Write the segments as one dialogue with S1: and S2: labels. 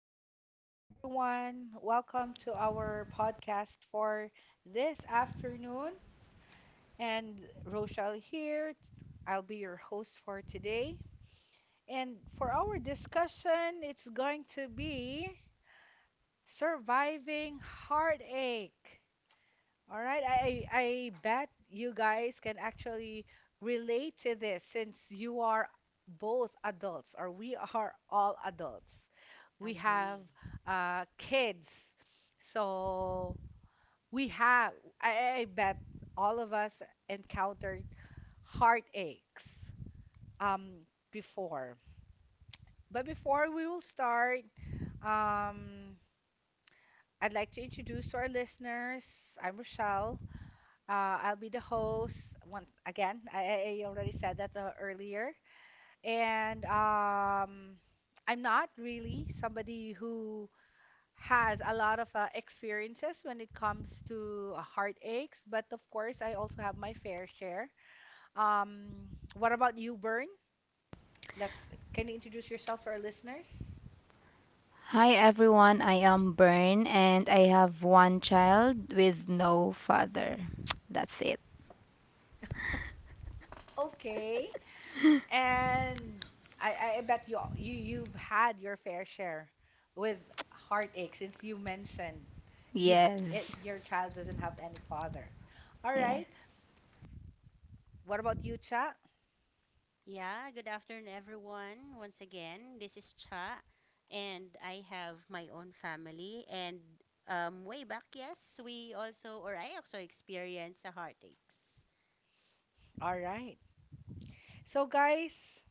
S1: Good afternoon, everyone. Welcome to our podcast for this afternoon. And Rochelle here. I'll be your host for today. And for our discussion, it's going to be surviving heartache. All right, I bet you guys can actually relate to this since you are both adults, or we are all adults. We have
S2: Agree.
S1: kids, so we have. I, I bet all of us encountered heartaches um before. But before we will start, um, I'd like to introduce to our listeners. I'm Rochelle. I'll be the host once again. I already said that earlier. And I'm not really somebody who has a lot of experiences when it comes to heartaches, but of course, I also have my fair share. What about you, Bern? Can you introduce yourself for our listeners?
S3: Hi everyone, I am Bern and I have one child with no father. That's it.
S1: Okay. And I bet you've had your fair share with heartache since you mentioned you ha it
S3: Yes.
S1: your child doesn't have any father. All
S3: Yeah.
S1: right. What about you, Cha?
S2: Yeah, good afternoon, everyone. Once again, this is Cha, and I have my own family. And way back, yes, we also, or I also experienced the heartaches.
S1: All right. So guys,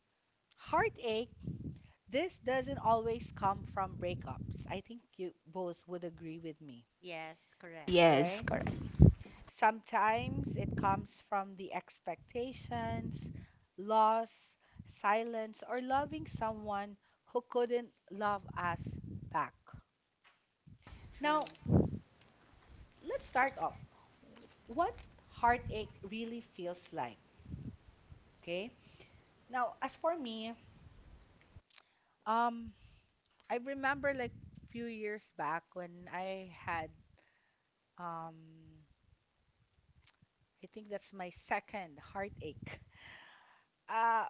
S1: heartache, this doesn't always come from breakups. I think you both would agree with me.
S2: Yes, correct.
S1: All
S3: Yes,
S1: right.
S3: correct.
S1: Sometimes it comes from the expectations, loss, silence, or loving someone who couldn't love us back. Now,
S2: True.
S1: let's start off. What heartache really feels like, okay? Now, as for me, um, I remember like few years back when I had um I think that's my second heartache. Uh,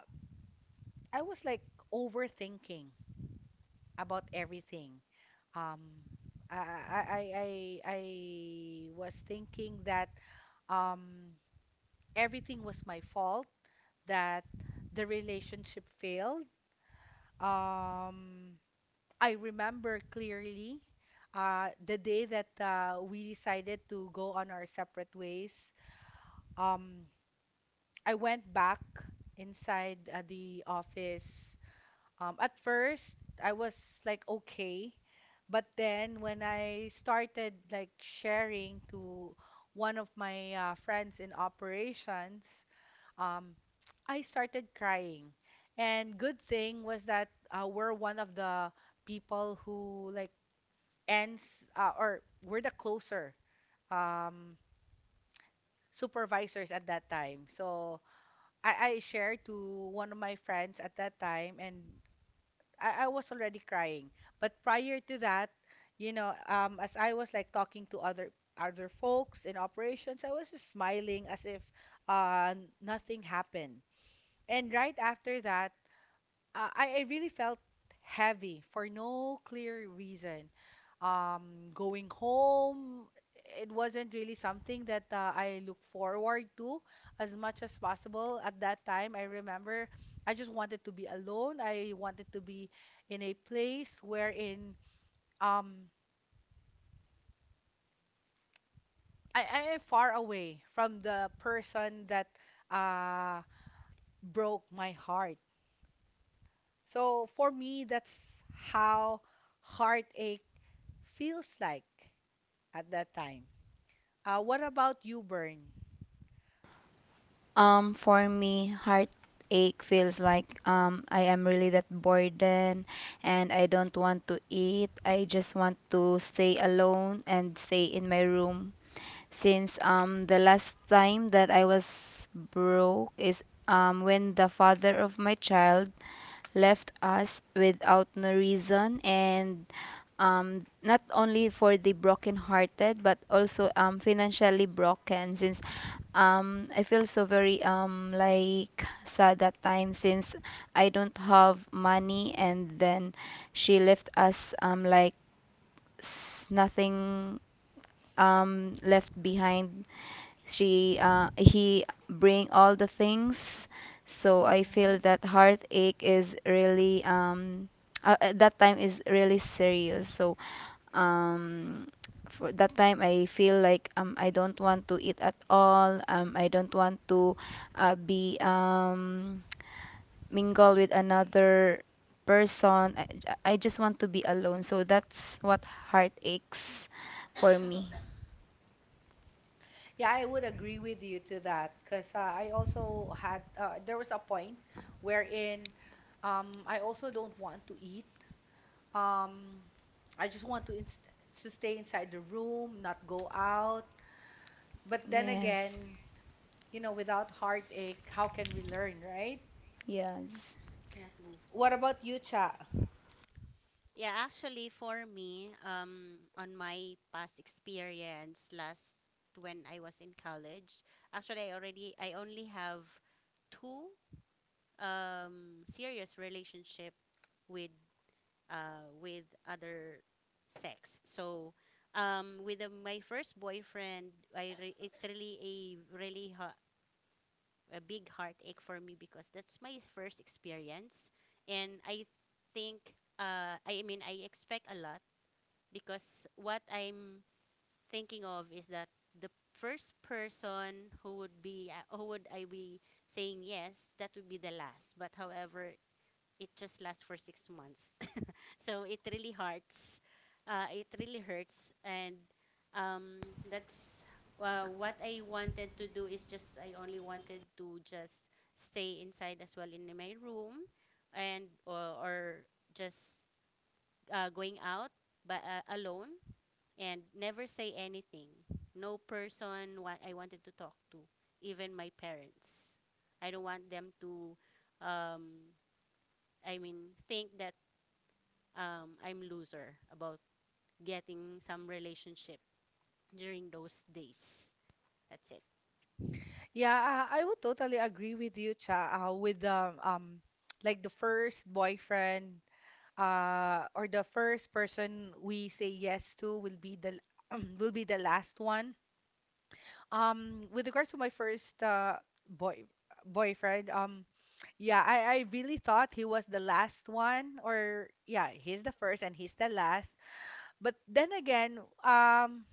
S1: I was like overthinking about everything. Um, I was thinking that um, everything was my fault, that the relationship failed. Um, I remember clearly the day that we decided to go on our separate ways. Um, I went back inside the office. At first, I was like okay, but then when I started like sharing to one of my friends in operations, um, I started crying. And good thing was that we're one of the people who like ends or we're the closer um, supervisors at that time. So I shared to one of my friends at that time, and I was already crying. But prior to that, as I was like talking to other folks in operations, I was just smiling as if uh, nothing happened. And right after that, I really felt heavy for no clear reason. Going home, it wasn't really something that I look forward to as much as possible. At that time, I remember I just wanted to be alone. I wanted to be in a place wherein um, I am far away from the person that uh, broke my heart. So for me, that's how heartache feels like at that time. What about you, Bern?
S3: For me, heartache feels like I am really that burden and I don't want to eat. I just want to stay alone and stay in my room since the last time that I was broke is when the father of my child left us without no reason and not only for the broken hearted but also financially broken since I feel so very like sad that time since I don't have money, and then she left us like nothing left behind. She he bring all the things. So I
S1: Mm-hmm.
S3: feel that heartache is really at that time is really serious. So um, for that time I feel like I don't want to eat at all. I don't want to be mingle with another person. I just want to be alone. So that's what heart aches for me.
S1: Yeah, I would agree with you to that because I also had there was a point wherein I also don't want to eat. Um, I just want to inst to stay inside the room, not go out. But then
S3: Yes.
S1: again, without heartache, how can we learn, right?
S3: Yes.
S2: Cannot move
S1: What about you, Cha?
S2: on. Yeah, actually, for me, on my past experience, last when I was in college, actually, I only have two serious relationship with with other sex. So with my first boyfriend, it's really a a big heartache for me because that's my first experience, and I think I mean I expect a lot because what I'm thinking of is that the first person who would be who would I be saying yes that would be the last, but however it just lasts for 6 months. So it really hurts. It really hurts, and that's what I wanted to do is just I only wanted to just stay inside as well in my room, and or just going out but alone and never say anything. No person wa- I wanted to talk to, even my parents. I don't want them to, um, I mean, think that I'm loser about getting some relationship during those days. That's it.
S1: Yeah, I would totally agree with you, Cha, with the like the first boyfriend or the first person we say yes to will be the will be the last one. With regards to my first boy boyfriend, yeah, I really thought he was the last one or yeah, he's the first and he's the last. But then again,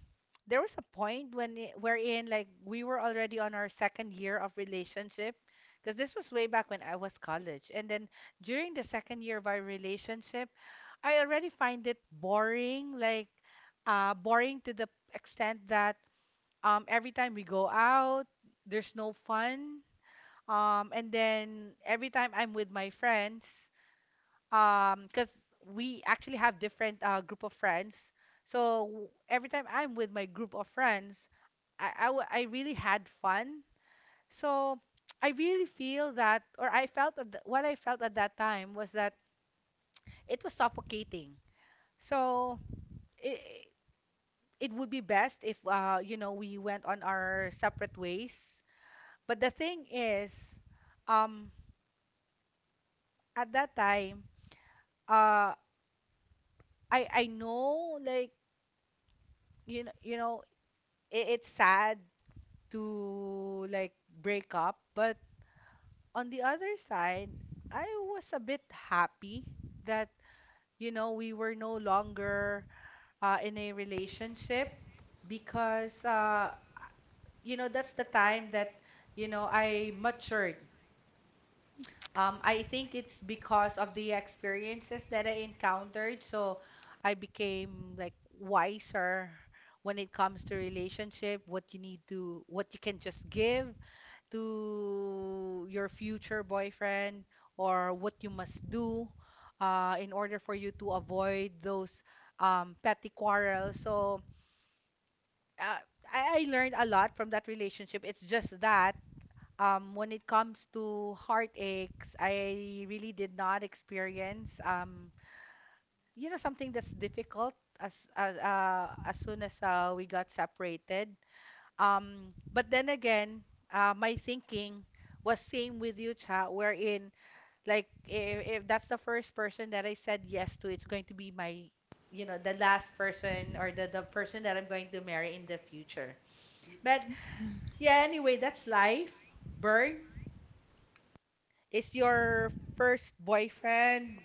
S1: there was a point wherein like we were already on our second year of relationship because this was way back when I was college, and then during the second year of our relationship I already find it boring like boring to the extent that every time we go out there's no fun, and then every time I'm with my friends, because we actually have different group of friends, so every time I'm with my group of friends, I really had fun. So I really feel that or I felt at th- what I felt at that time was that it was suffocating. So it, it would be best if you know, we went on our separate ways. But the thing is, um at that time, uh I know like you know I- it's sad to like break up, but on the other side, I was a bit happy that you know we were no longer in a relationship because you know that's the time that you know I matured. I think it's because of the experiences that I encountered, so I became like wiser when it comes to relationship, what you can just give to your future boyfriend, or what you must do in order for you to avoid those petty quarrels. So uh, I learned a lot from that relationship. It's just that when it comes to heartaches, I really did not experience you know something that's difficult as soon as we got separated. But then again, my thinking was same with you, Cha, wherein like if that's the first person that I said yes to, it's going to be my, you know, the last person, or the person that I'm going to marry in the future.
S2: Mm-mm.
S1: But
S2: Yes.
S1: yeah, anyway, that's life. Burn is your first boyfriend.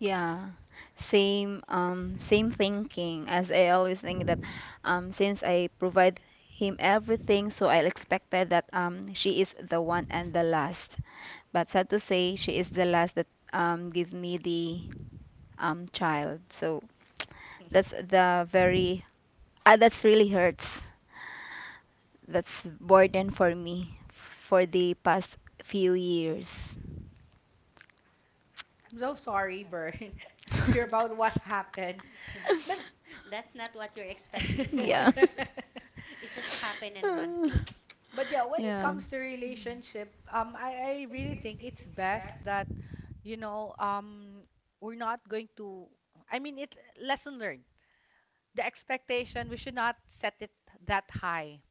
S3: Yeah, same same thinking, as I always think that since I provide him everything, so I expected that she is the one and the last. But sad to say, she is the last that give me the child. So that's the very that's really hurts. That's burden for me for the past few years.
S1: I'm so sorry, Burn, to hear about what happened. But
S2: That's not what you're expecting
S3: Yeah.
S2: for. It just happened in one click.
S1: But yeah, when it
S3: Yeah.
S1: comes to relationship, I really think it's best that, you know, we're not going to, I mean, it lesson learned. The expectation, we should not set it that high,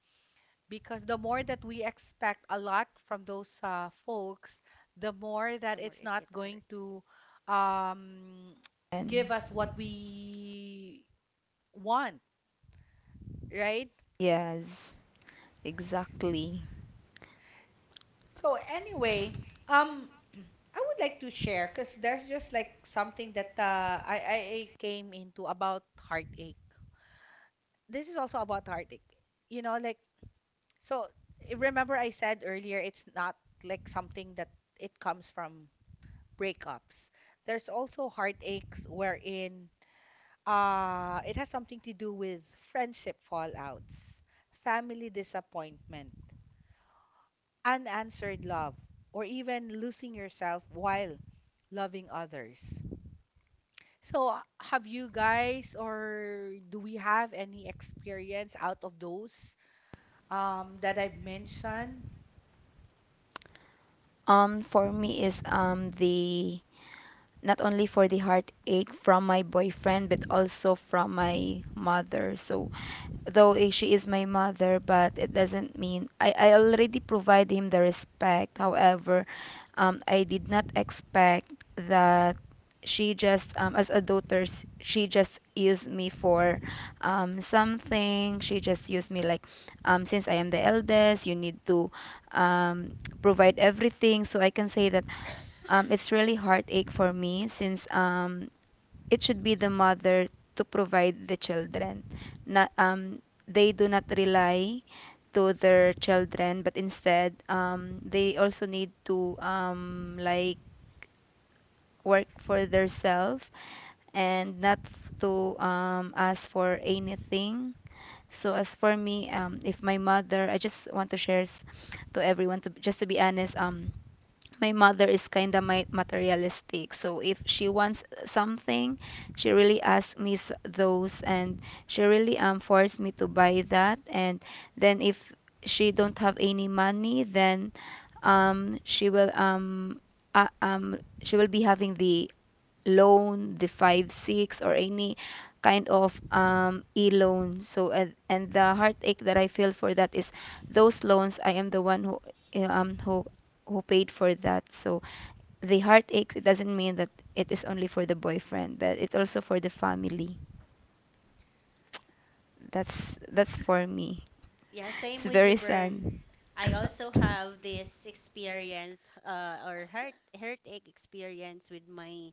S1: because the more that we expect a lot from those folks, the more that
S2: The more
S1: it's
S2: it
S1: not
S2: get hurt.
S1: going to um,
S3: And-
S1: give us what we want, right?
S3: yes, exactly.
S1: So anyway, um, I would like to share because there's just like something that I came into about heartache. This is also about heartache. You know, like, so remember I said earlier, it's not like something that it comes from breakups. There's also heartaches wherein it has something to do with friendship fallouts, family disappointment, unanswered love, or even losing yourself while loving others. So, have you guys or do we have any experience out of those that I've mentioned?
S3: For me is the not only for the heartache from my boyfriend, but also from my mother. So though she is my mother, but it doesn't mean I already provide him the respect. However, I did not expect that she just as a daughter, she just used me for something. She just used me like since I am the eldest, you need to um, provide everything. So I can say that it's really heartache for me since it should be the mother to provide the children. Not, they do not rely to their children, but instead they also need to like work for themselves and not to ask for anything. So as for me, if my mother, I just want to share to everyone, to just to be honest. My mother is kind of my materialistic, so if she wants something, she really asks me those, and she really forced me to buy that. And then if she don't have any money, then um she will um she will be having the loan, the 5-6, or any kind of e-loan. So and the heartache that I feel for that is those loans. I am the one who eh, um who who paid for that. So the heartache, it doesn't mean that it is only for the boyfriend, but it's also for the family. That's for me.
S2: Yeah, same
S3: It's
S2: with you,
S3: very sad.
S2: Bern. I also have this experience or heartache experience with my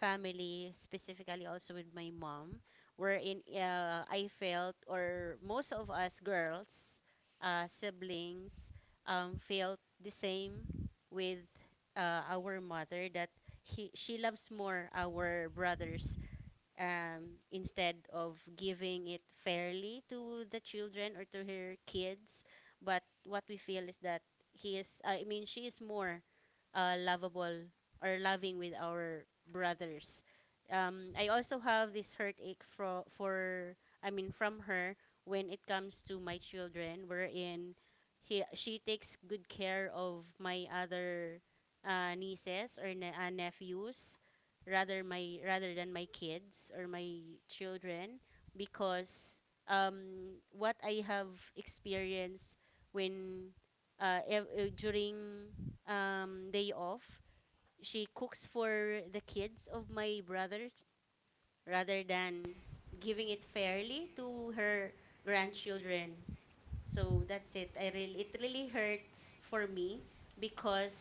S2: family, specifically also with my mom, wherein I felt, or most of us girls, siblings, felt the same with our mother that he she loves more our brothers instead of giving it fairly to the children or to her kids. But what we feel is that I mean, she is more lovable or loving with our brothers. I also have this heartache for, I mean, from her when it comes to my children, wherein she takes good care of my other nieces or nephews rather than my kids or my children because what I have experienced when during day off she cooks for the kids of my brothers rather than giving it fairly to her grandchildren. So that's it. I really it really hurts for me because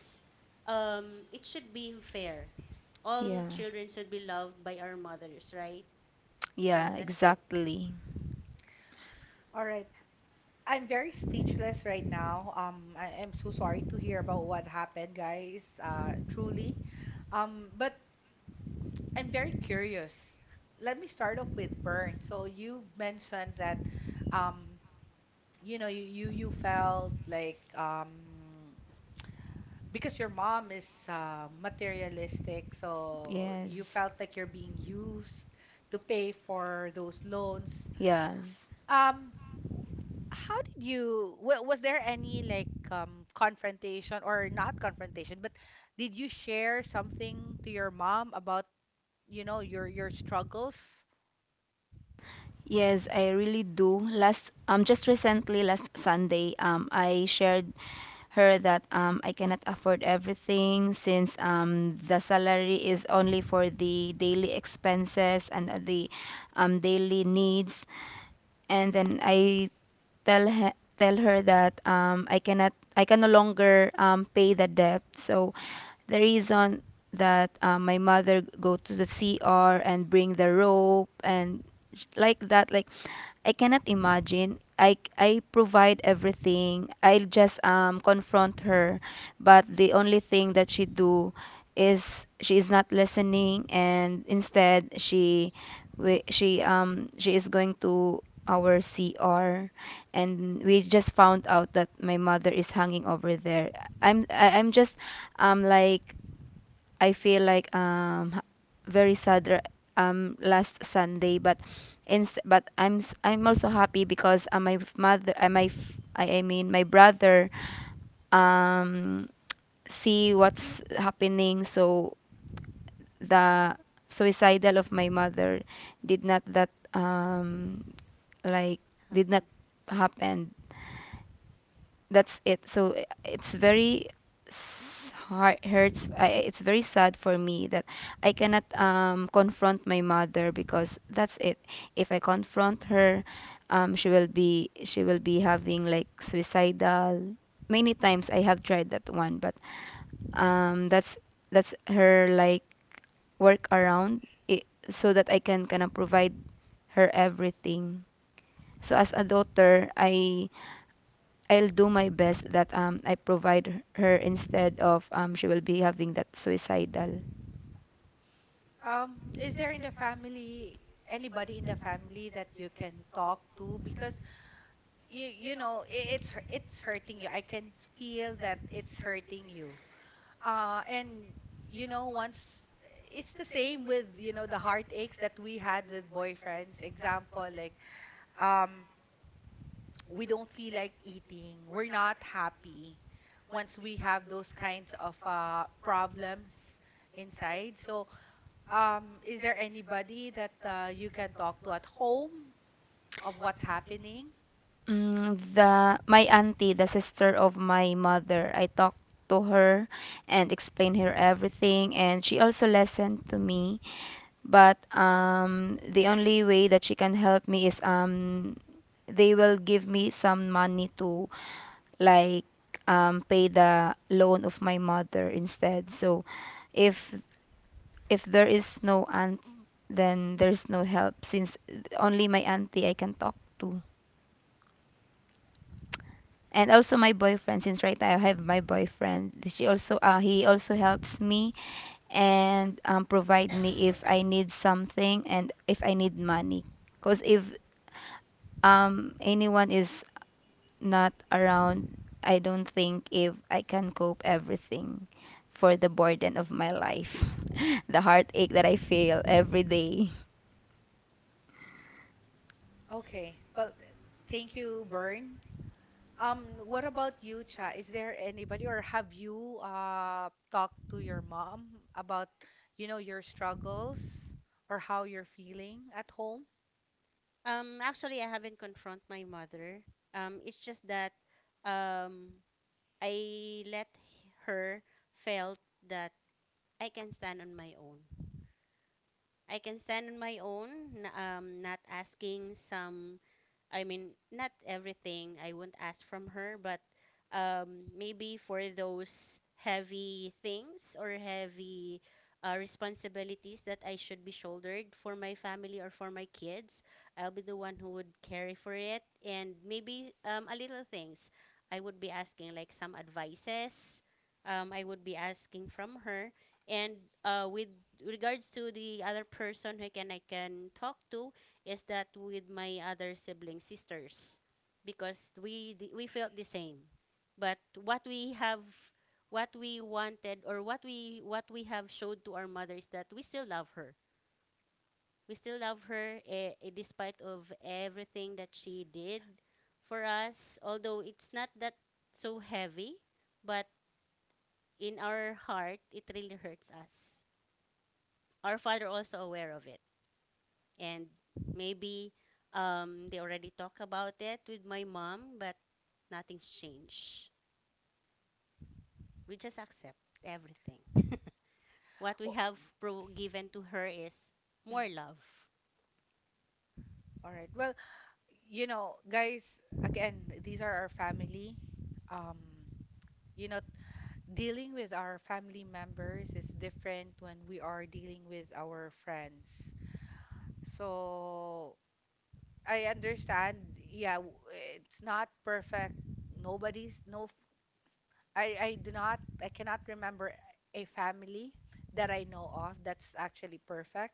S2: it should be fair. All children should be loved by our mothers, right? So
S3: Yeah,
S2: that's it.
S3: exactly.
S1: All right. I'm very speechless right now. I am so sorry to hear about what happened, guys, truly. But I'm very curious. Let me start off with burn. So you mentioned that um, you know, you felt like because your mom is materialistic, so you felt like you're being used to pay for those loans.
S3: Yes.
S1: Um, w- how did you? Was there any like confrontation or not confrontation? But did you share something to your mom about you know your struggles?
S3: Yes, I really do. Last just recently last Sunday, I shared her that I cannot afford everything since the salary is only for the daily expenses and the daily needs. And then I tell her tell her that I cannot, I can no longer pay the debt. So the reason that my mother go to the CR and bring the rope and like that, like I cannot imagine. I provide everything. I'll just confront her, but the only thing that she do is she is not listening, and instead she is going to our CR, and we just found out that my mother is hanging over there. I'm just like I feel like very sad last Sunday. But inst but I'm I'm also happy because my f- mother my f- I mean, my brother um see what's happening. So the suicidal of my mother did not, that like did not
S2: Happen.
S3: happen. That's it. So it's very heart hurts. I, it's very sad for me that I cannot confront my mother because that's it. If I confront her, she will be having like suicidal. Many times I have tried that one, but um, that's that's her like work around it, so that I can kind of provide her everything. So as a daughter, I'll do my best that I provide her instead of she will be having that suicidal.
S1: Is there in the family anybody in the family that you can talk to? Because it's it's hurting you, feel that it's hurting you, and you know once it's the same with you know the heartaches that we had with boyfriends, example like um we don't feel like eating, we're not happy once we have those kinds of problems inside. So is there anybody that you can talk to at home of what's happening?
S3: Mm, the my auntie, the sister of my mother, I talked to her and explained her everything, and she also listened to me. But the only way that she can help me is they will give me some money to like pay the loan of my mother instead. So if if there is no aunt, then there's no help since only my auntie I can talk to. And also my boyfriend, since right now I have my boyfriend, she also he also helps me, and provide me if I need something and if I need money. Cause if anyone is not around, I don't think if I can cope everything for the burden of my life, the heartache that I feel every day.
S1: Okay, well thank you, Bern. What about you, Cha? Is there anybody, or have you talked to your mom about, you know, your struggles or how you're feeling at home?
S2: Actually, I haven't confront my mother. It's just that um I let her felt that I can stand on my own. I can stand on my own, not asking some, I mean, not everything I won't ask from her, but maybe for those heavy things or heavy responsibilities that I should be shouldered for my family or for my kids, I'll be the one who would carry for it. And maybe a little things I would be asking, like some advices I would be asking from her. And with regards to the other person who can I can talk to, is that with my other sibling sisters because we felt the same, but what we have what we wanted or what we have showed to our mother is that we still love her, despite of everything that she did for us, although it's not that so heavy, but in our heart it really hurts us. Our father also aware of it, and maybe they already talk about it with my mom, but nothing's changed. We just accept everything. what we
S1: Well,
S2: have pro- given to her is
S1: mm,
S2: more love,
S1: all right. Well, you know, guys, again, these are our family. Um, you know, dealing with our family members is different when we are dealing with our friends. So, I understand. Yeah, it's not perfect. Nobody's no. f- I do not. I cannot remember a family that I know of that's actually perfect.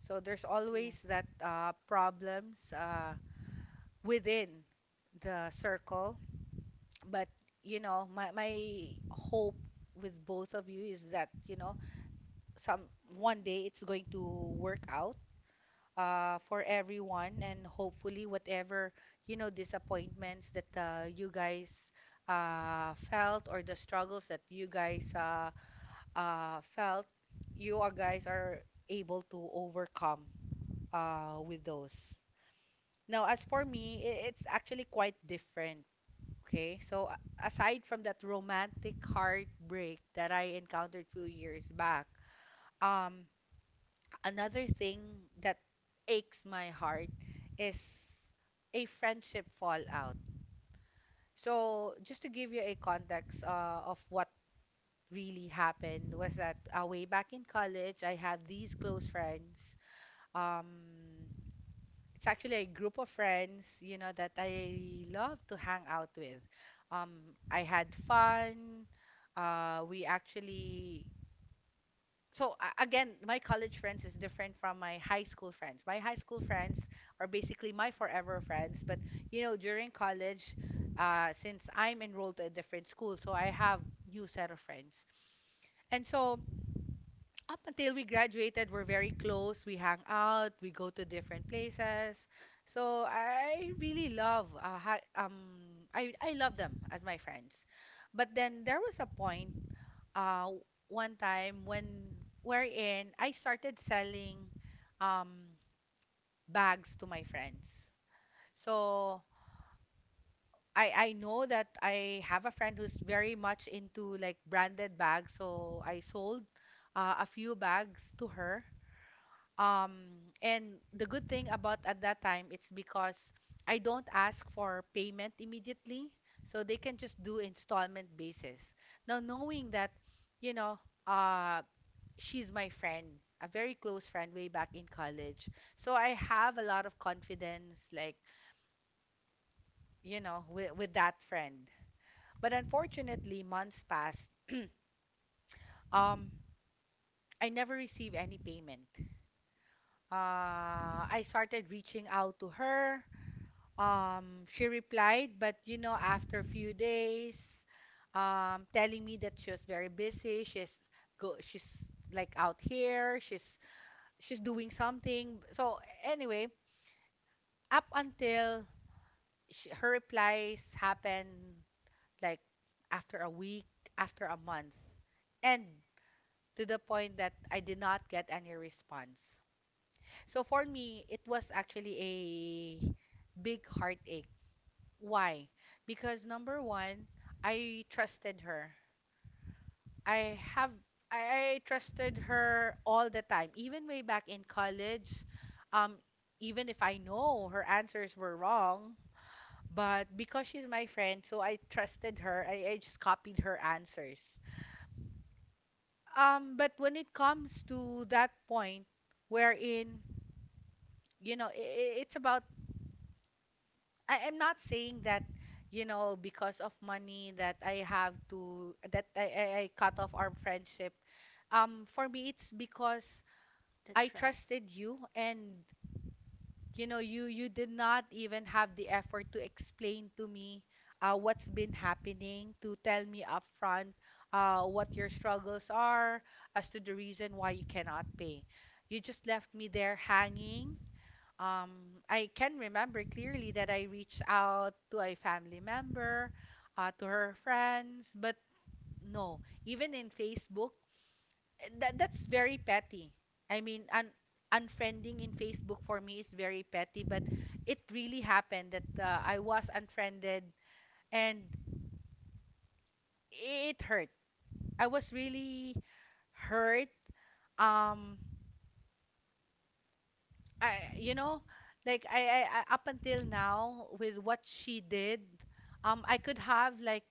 S1: So there's always that problems within the circle. But you know, my hope with both of you is that you know some one day it's going to work out for everyone, and hopefully whatever you know disappointments that you guys felt or the struggles that you guys felt, you are guys are able to overcome with those. Now as for me, it's actually quite different. Okay, so aside from that romantic heartbreak that I encountered few years back, um, another thing that aches my heart is a friendship fallout. So, just to give you a context of what really happened was that way back in college, I have these close friends. Um, it's actually a group of friends, you know, that I love to hang out with. I had fun. We actually so a- again my college friends is different from my high school friends. My high school friends are basically my forever friends, but you know, during college, since I'm enrolled to a different school, so I have new set of friends. And so up until we graduated, we're very close. We hang out, we go to different places. So I really love, I love them as my friends. But then there was a point, uh, one time when wherein I started selling, um, bags to my friends. So I know that I have a friend who's very much into like branded bags. So I sold a few bags to her. And the good thing about at that time it's because I don't ask for payment immediately. So they can just do installment basis. Now knowing that, you know, uh she's my friend, a very close friend way back in college. So I have a lot of confidence, like, you know, with that friend. But unfortunately, months passed. Um, I never received any payment. I started reaching out to her. She replied, but you know, after a few days, telling me that she was very busy. She's like out here. She's doing something. So anyway, up until her replies happen like after a week, after a month, and to the point that I did not get any response. So for me, it was actually a big heartache. Why? Because number one, I trusted her. I have I trusted her all the time, even way back in college. Um, Even if I know her answers were wrong, but because she's my friend, so I trusted her. I just copied her answers. But when it comes to that point wherein, it's about, I'm not saying that, you know, because of money that I have to, that I cut off our friendship. For me, it's because
S2: the
S1: I
S2: trust.
S1: trusted you, and you know, you did not even have the effort to explain to me what's been happening, to tell me upfront what your struggles are, as to the reason why you cannot pay. You just left me there hanging. I can remember clearly that I reached out to a family member, to her friends, but no, even in Facebook, that's very petty. I mean, un unfriending in Facebook for me is very petty, but it really happened that I was unfriended, and it hurt. I was really hurt. Um, I you know, like I- Up until now with what she did, I could have like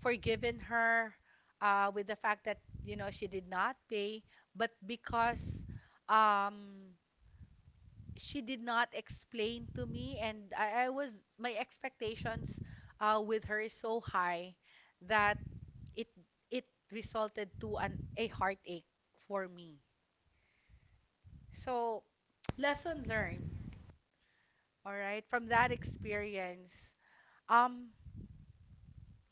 S1: forgiven her, with the fact that you know she did not pay, but because um she did not explain to me, and I was, my expectations with her is so high that it it resulted to an a heartache for me. So lesson learned, all right, from that experience, um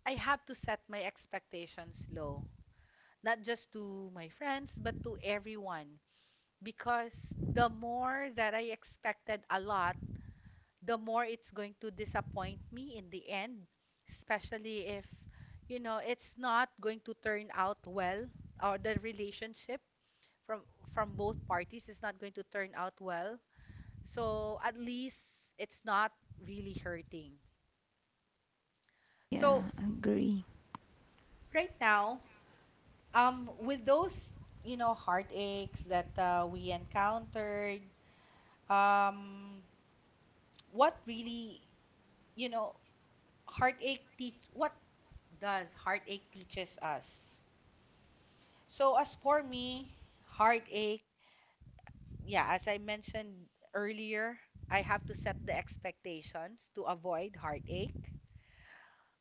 S1: I have to set my expectations low, not just to my friends but to everyone, because the more that I expected a lot, the more it's going to disappoint me in the end, especially if, you know, it's not going to turn out well, or the relationship from from both parties is not going to turn out well. So at least it's not really hurting. So
S3: Yeah, agree.
S1: right now, with those, you know, heartaches that we encountered, um, what really, you know, what does heartache teaches us. So as for me, heartache, yeah, as I mentioned earlier, I have to set the expectations to avoid heartache.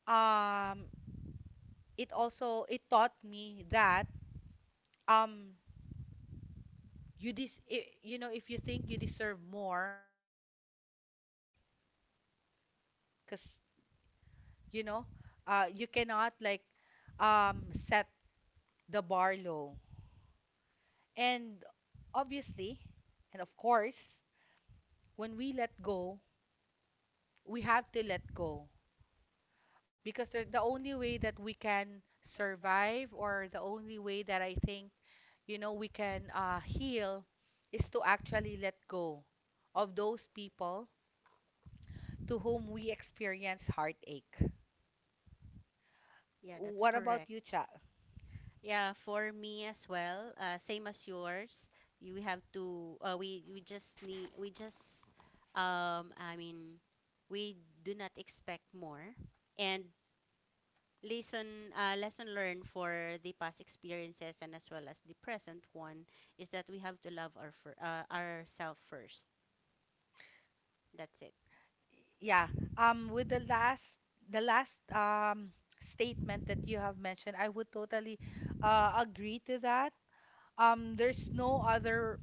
S1: Um, it also it taught me that um you you know, if you think you deserve more, then go for it. Cause you know, you cannot like set the bar low. And obviously, and of course, when we let go, we have to let go, because the only way that we can survive, or the only way that I think, you know, we can heal is to actually let go of those people to whom we experience heartache.
S2: Yeah, that's
S1: What about
S2: correct.
S1: you, Cha?
S2: Yeah, for me as well, same as yours. You have to. We just need. We just. I mean, we do not expect more, and lesson learned for the past experiences and as well as the present one is that we have to love our ourselves first. That's it.
S1: Yeah. With the last statement that you have mentioned, I would totally agree to that. There's no other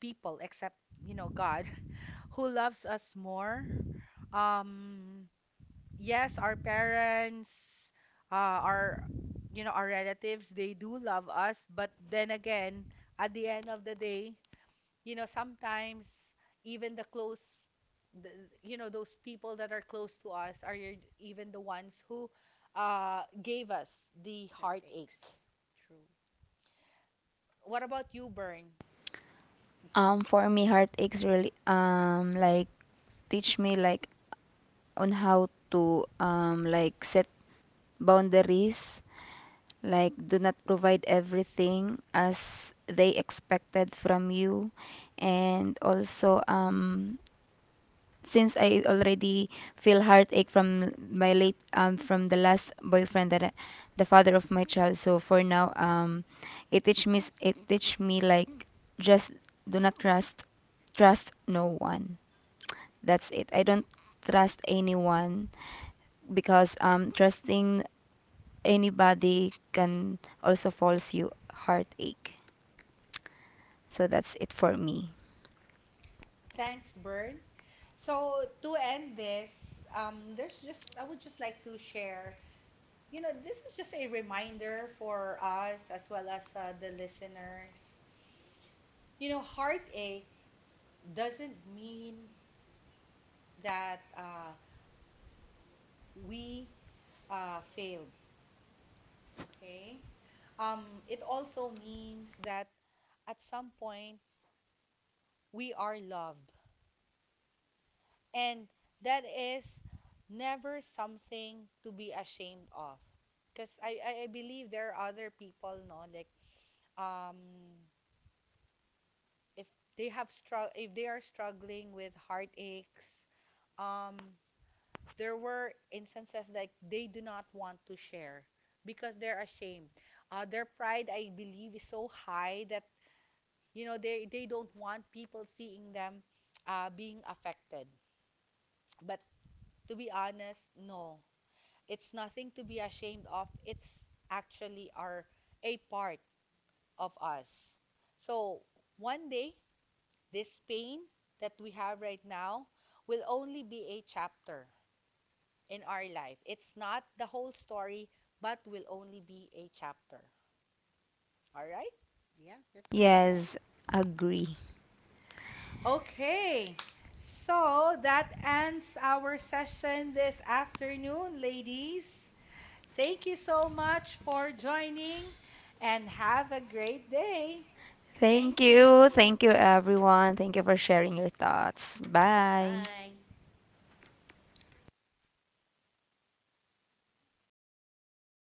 S1: people except, you know, God, who loves us more. Um, yes, our parents, our, you know, our relatives, they do love us, but then again, at the end of the day, you know, sometimes even the, you know, those people that are close to us are even the ones who gave us the heartache.
S2: Heartaches. True.
S1: What about you, Bern?
S3: For me, heartaches really like teach me like on how to like set boundaries, like do not provide everything as they expected from you. And also since I already feel heartache from my late from the last boyfriend that the father of my child. So for now, it teach me it teach me like just do not trust no one. That's it. I don't trust anyone because trusting anybody can also cause you heartache. So that's it for me.
S1: Thanks, Bern. So to end this, there's just I would just like to share, you know, this is just a reminder for us as well as the listeners. You know, heartache doesn't mean that we failed, okay? It also means that at some point, we are loved. And that is never something to be ashamed of. Because I believe there are other people, no, like um if they have strugg if they are struggling with heartaches, um there were instances like they do not want to share because they're ashamed. Their pride, I believe, is so high that you know they don't want people seeing them being affected. But to be honest, no. It's nothing to be ashamed of. It's actually our a part of us. So one day, this pain that we have right now will only be a chapter in our life. It's not the whole story, but will only be a chapter. All right?
S2: Yes, that's correct.
S3: Yes, agree.
S1: Okay. So that ends our session this afternoon, ladies. Thank you so much for joining and have a great day.
S3: Thank
S2: Thank
S3: you.
S2: you.
S3: Thank you, everyone. Thank you for sharing your thoughts. Bye.
S2: Bye.